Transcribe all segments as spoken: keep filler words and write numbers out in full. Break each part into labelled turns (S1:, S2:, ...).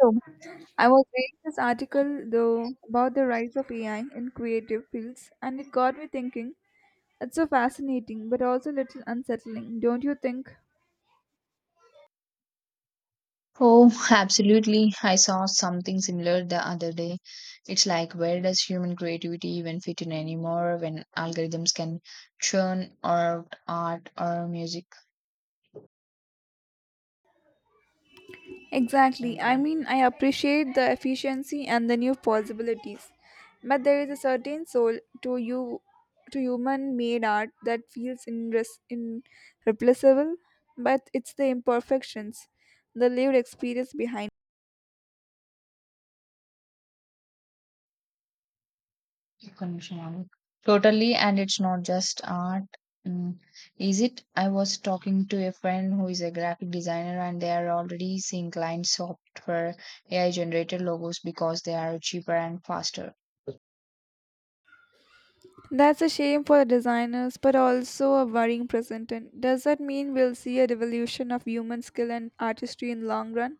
S1: So, I was reading this article though about the rise of A I in creative fields, and it got me thinking. It's so fascinating, but also a little unsettling, don't you think?
S2: Oh, absolutely. I saw something similar the other day. It's like, where does human creativity even fit in anymore when algorithms can churn out art or music?
S1: Exactly. I mean, I appreciate the efficiency and the new possibilities, but there is a certain soul to you, to human-made art that feels inres- in irreplaceable. But it's the imperfections, the lived experience behind.
S2: Totally, and it's not just art. Mm, is it? I was talking to a friend who is a graphic designer, and they are already seeing clients opt for A I generated logos because they are cheaper and faster.
S1: That's a shame for the designers, but also a worrying present. And does that mean we'll see a revolution of human skill and artistry in the long run?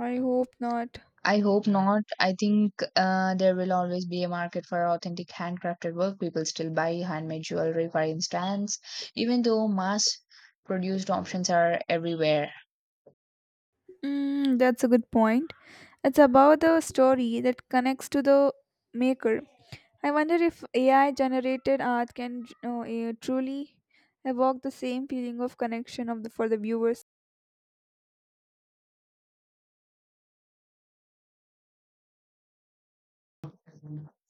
S1: I hope not.
S2: I hope not. I think uh, there will always be a market for authentic handcrafted work. People still buy handmade jewelry, for instance, even though mass produced options are everywhere.
S1: Mm, that's a good point. It's about the story that connects to the maker. I wonder if A I generated art can uh, eh, truly evoke the same feeling of connection of the, for the viewers.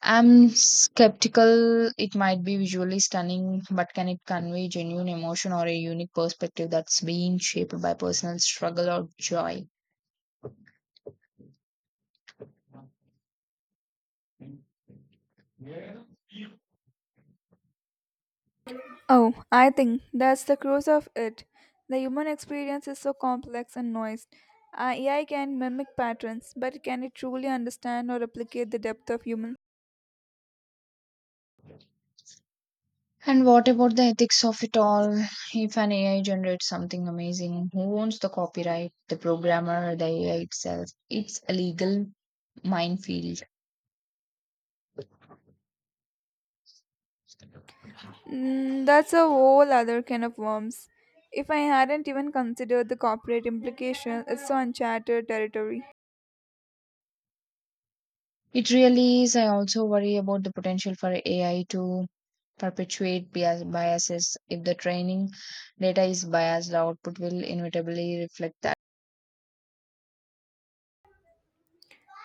S2: I'm skeptical it might be visually stunning, but can it convey genuine emotion or a unique perspective that's being shaped by personal struggle or joy?
S1: Oh, I think that's the crux of it. The human experience is so complex and noised. Uh, A I can mimic patterns, but can it truly understand or replicate the depth of human?
S2: And what about the ethics of it all? If an A I generates something amazing, who owns the copyright? The programmer, the A I itself? It's a legal minefield.
S1: Mm, that's a whole other can of worms. If I hadn't even considered the corporate implications, it's so uncharted territory.
S2: It really is. I also worry about the potential for A I to perpetuate bias- biases. If the training data is biased, the output will inevitably reflect that.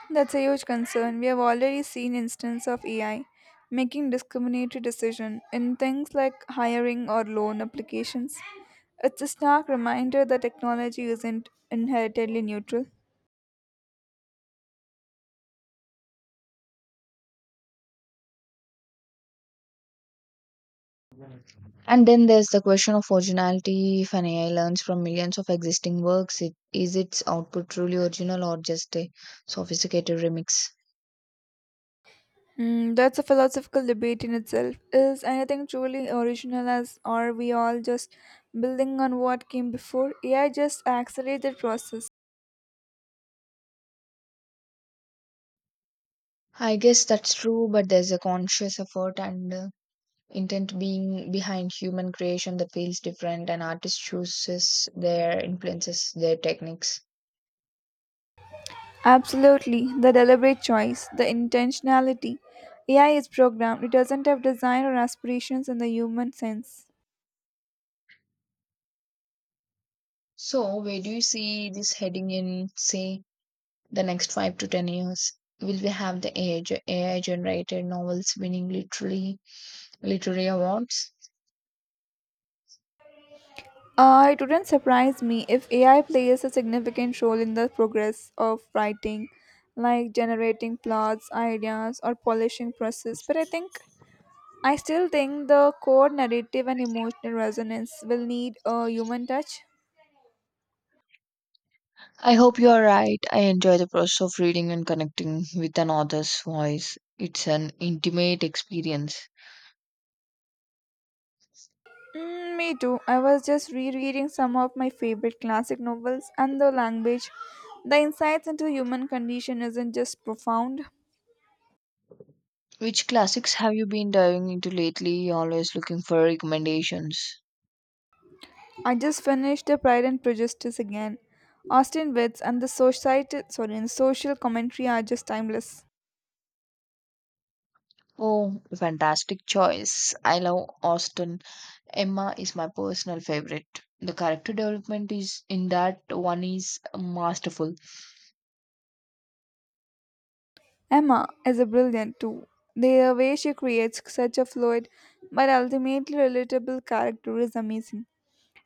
S1: That's a huge concern. We have already seen instances of A I making discriminatory decisions in things like hiring or loan applications. It's a stark reminder that technology isn't inherently neutral.
S2: And then there's the question of originality. If an A I learns from millions of existing works, it, is its output truly original or just a sophisticated remix?
S1: Hmm, that's a philosophical debate in itself. Is anything truly original as are we all just building on what came before? A I just accelerates the process.
S2: I guess that's true, but there's a conscious effort and uh, intent being behind human creation that feels different, and artists chooses their influences, their techniques.
S1: Absolutely. The deliberate choice, the intentionality. A I is programmed. It doesn't have design or aspirations in the human sense.
S2: So, where do you see this heading in, say, the next five to ten years? Will we have the A I, ge- A I generated novels winning literally literary awards?
S1: Uh, it wouldn't surprise me if A I plays a significant role in the progress of writing, like generating plots, ideas, or polishing process. But I think I still think the core narrative and emotional resonance will need a human touch.
S2: I hope you are right. I enjoy the process of reading and connecting with an author's voice. It's an intimate experience.
S1: Mm, me too. I was just rereading some of my favorite classic novels, and the language, the insights into human condition isn't just profound.
S2: Which classics have you been diving into lately? Always looking for recommendations.
S1: I just finished the Pride and Prejudice again. Austin Witz and the society, sorry, and social commentary are just timeless.
S2: Oh, fantastic choice. I love Austen. Emma is my personal favorite. The character development is in that one is masterful.
S1: Emma is a brilliant too. The way she creates such a fluid but ultimately relatable character is amazing.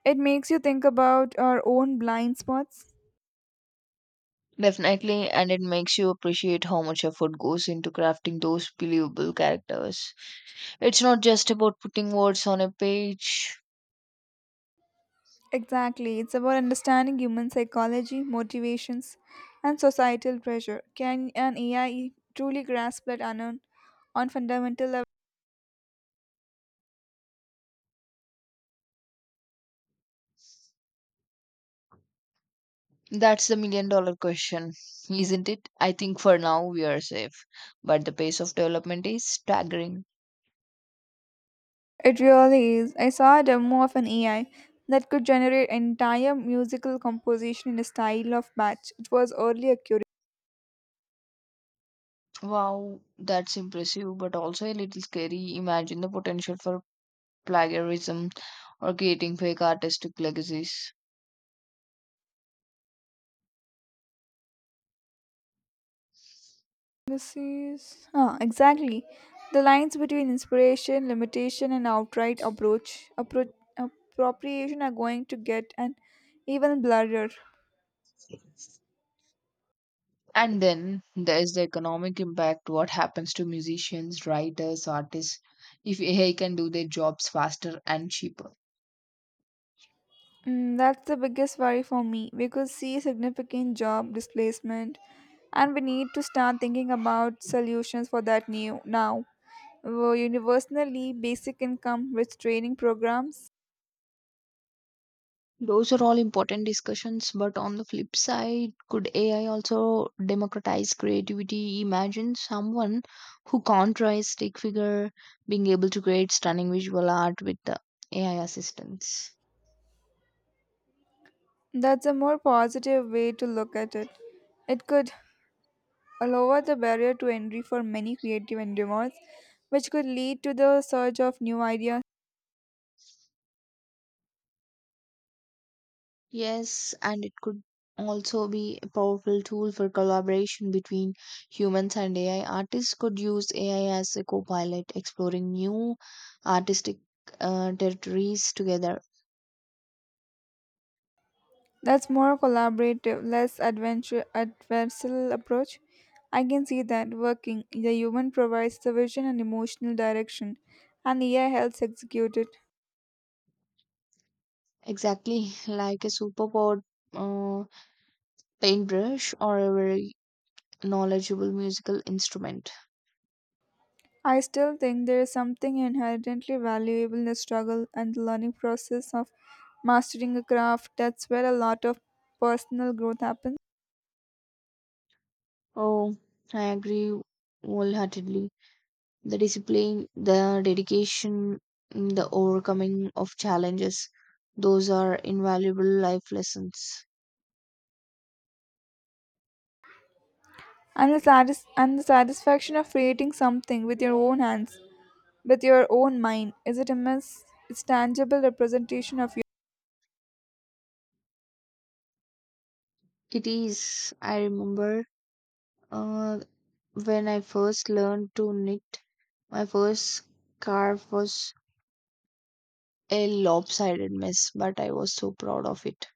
S1: It makes you think about our own blind spots.
S2: Definitely, and it makes you appreciate how much effort goes into crafting those believable characters. It's not just about putting words on a page.
S1: Exactly, it's about understanding human psychology, motivations, and societal pressure. Can an A I truly grasp that unknown on fundamental level?
S2: That's the million dollar question, isn't it? I think for now we are safe, but the pace of development is staggering.
S1: It really is. I saw a demo of an A I that could generate entire musical composition in a style of Bach. It was early accurate.
S2: Wow, that's impressive, but also a little scary. Imagine the potential for plagiarism, or creating fake artistic legacies.
S1: This is ah, exactly the lines between inspiration, limitation, and outright approach appro- appropriation are going to get an even blurrier.
S2: And then there is the economic impact, what happens to musicians, writers, artists if A I can do their jobs faster and cheaper?
S1: Mm, that's the biggest worry for me. We could see significant job displacement, and we need to start thinking about solutions for that new now. Wo- universally basic income with training programs.
S2: Those are all important discussions, but on the flip side, could A I also democratize creativity? Imagine someone who can't draw a stick figure being able to create stunning visual art with the A I assistance.
S1: That's a more positive way to look at it. It could lower the barrier to entry for many creative endeavors, which could lead to the surge of new ideas.
S2: Yes, and it could also be a powerful tool for collaboration between humans and A I. Artists could use A I as a co-pilot, exploring new artistic uh, territories together.
S1: That's more collaborative, less adventure adversarial approach. I can see that working. The human provides the vision and emotional direction, and A I helps execute it.
S2: Exactly like a superpowered uh, paintbrush or a very knowledgeable musical instrument.
S1: I still think there is something inherently valuable in the struggle and the learning process of mastering a craft. That's where a lot of personal growth happens.
S2: Oh, I agree wholeheartedly. The discipline, the dedication, mm, the overcoming of challenges. Those are invaluable life lessons.
S1: And the, satis- and the satisfaction of creating something with your own hands, with your own mind, is it immense? It's tangible representation of you.
S2: It is. I remember uh, when I first learned to knit, my first scarf was a lopsided mess, but I was so proud of it.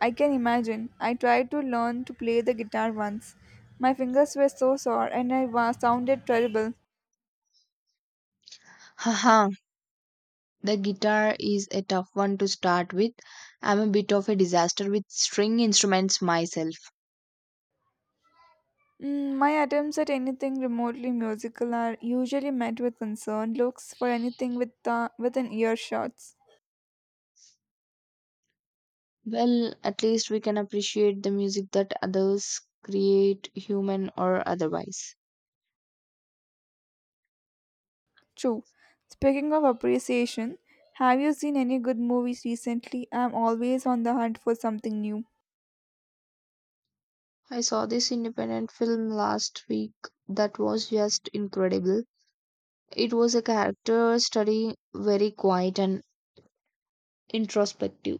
S1: I can imagine. I tried to learn to play the guitar once. My fingers were so sore and I was sounded terrible.
S2: Haha, the guitar is a tough one to start with. I'm a bit of a disaster with string instruments myself.
S1: Mm, my attempts at anything remotely musical are usually met with concerned looks for anything with uh, within earshot.
S2: Well, at least we can appreciate the music that others create, human or otherwise.
S1: True. Speaking of appreciation, have you seen any good movies recently? I'm always on the hunt for something new.
S2: I saw this independent film last week that was just incredible. It was a character study, very quiet and introspective.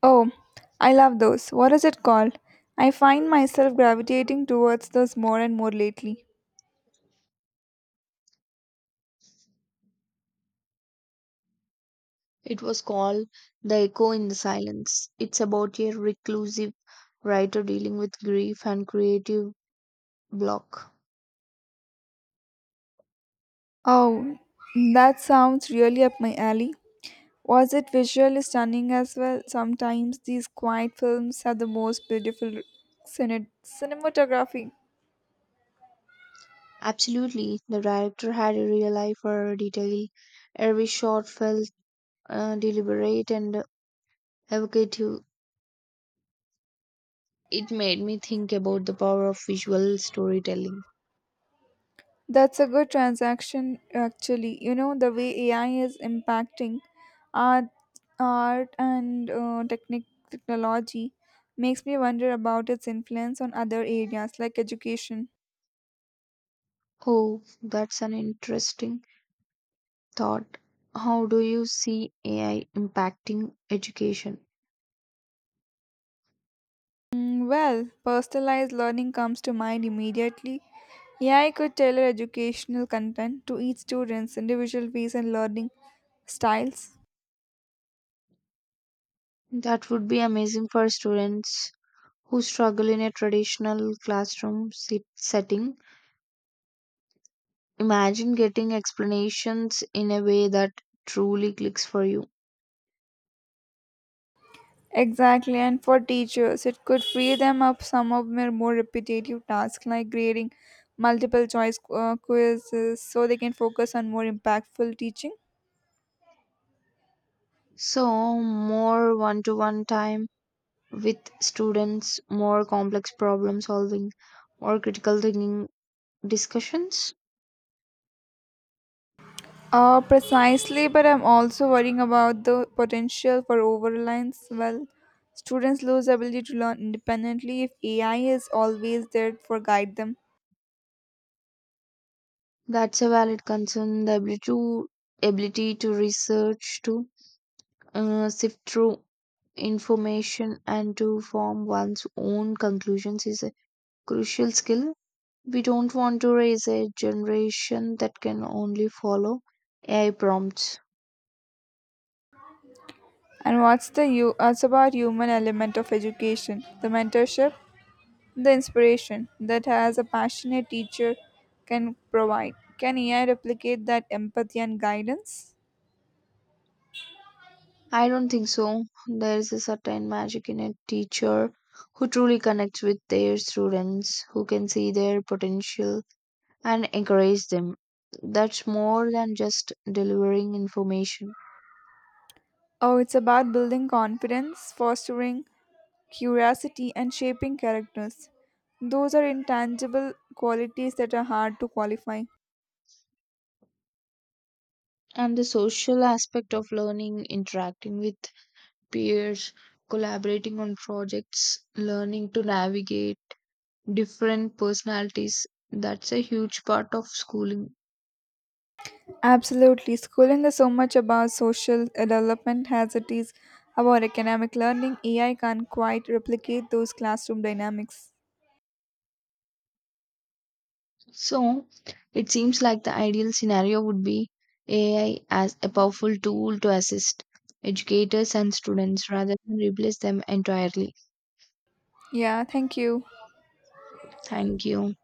S1: Oh, I love those. What is it called? I find myself gravitating towards those more and more lately.
S2: It was called The Echo in the Silence. It's about a reclusive writer dealing with grief and creative block.
S1: Oh, that sounds really up my alley. Was it visually stunning as well? Sometimes these quiet films have the most beautiful cine- cinematography.
S2: Absolutely, the director had a real eye for detail. Every shot felt uh, deliberate and evocative. It made me think about the power of visual storytelling.
S1: That's a good transaction, actually. You know, the way A I is impacting art, art and uh, technic- technology makes me wonder about its influence on other areas like education.
S2: Oh, that's an interesting thought. How do you see A I impacting education?
S1: Mm, well, personalized learning comes to mind immediately. A I could tailor educational content to each student's individual pace and learning styles.
S2: That would be amazing for students who struggle in a traditional classroom sit- setting. Imagine getting explanations in a way that truly clicks for you.
S1: Exactly, and for teachers, it could free them up some of their more repetitive tasks like grading multiple choice uh, quizzes so they can focus on more impactful teaching.
S2: So, more one to one time with students, more complex problem solving or critical thinking discussions.
S1: Uh, precisely, but I'm also worrying about the potential for over-reliance. Well, students lose ability to learn independently if A I is always there for guide them.
S2: That's a valid concern. The ability to ability to research, to uh, sift through information and to form one's own conclusions is a crucial skill. We don't want to raise a generation that can only follow A I prompts.
S1: And what's the you? What's about human element of education, the mentorship, the inspiration that has a passionate teacher can provide. Can A I replicate that empathy and guidance?
S2: I don't think so. There is a certain magic in a teacher who truly connects with their students, who can see their potential and encourage them. That's more than just delivering information.
S1: Oh, it's about building confidence, fostering curiosity, and shaping characters. Those are intangible qualities that are hard to qualify.
S2: And the social aspect of learning, interacting with peers, collaborating on projects, learning to navigate different personalities, that's a huge part of schooling.
S1: Absolutely. Schooling is so much about social development as it is about economic learning. A I can't quite replicate those classroom dynamics.
S2: So it seems like the ideal scenario would be A I as a powerful tool to assist educators and students rather than replace them entirely.
S1: Yeah, thank you.
S2: Thank you.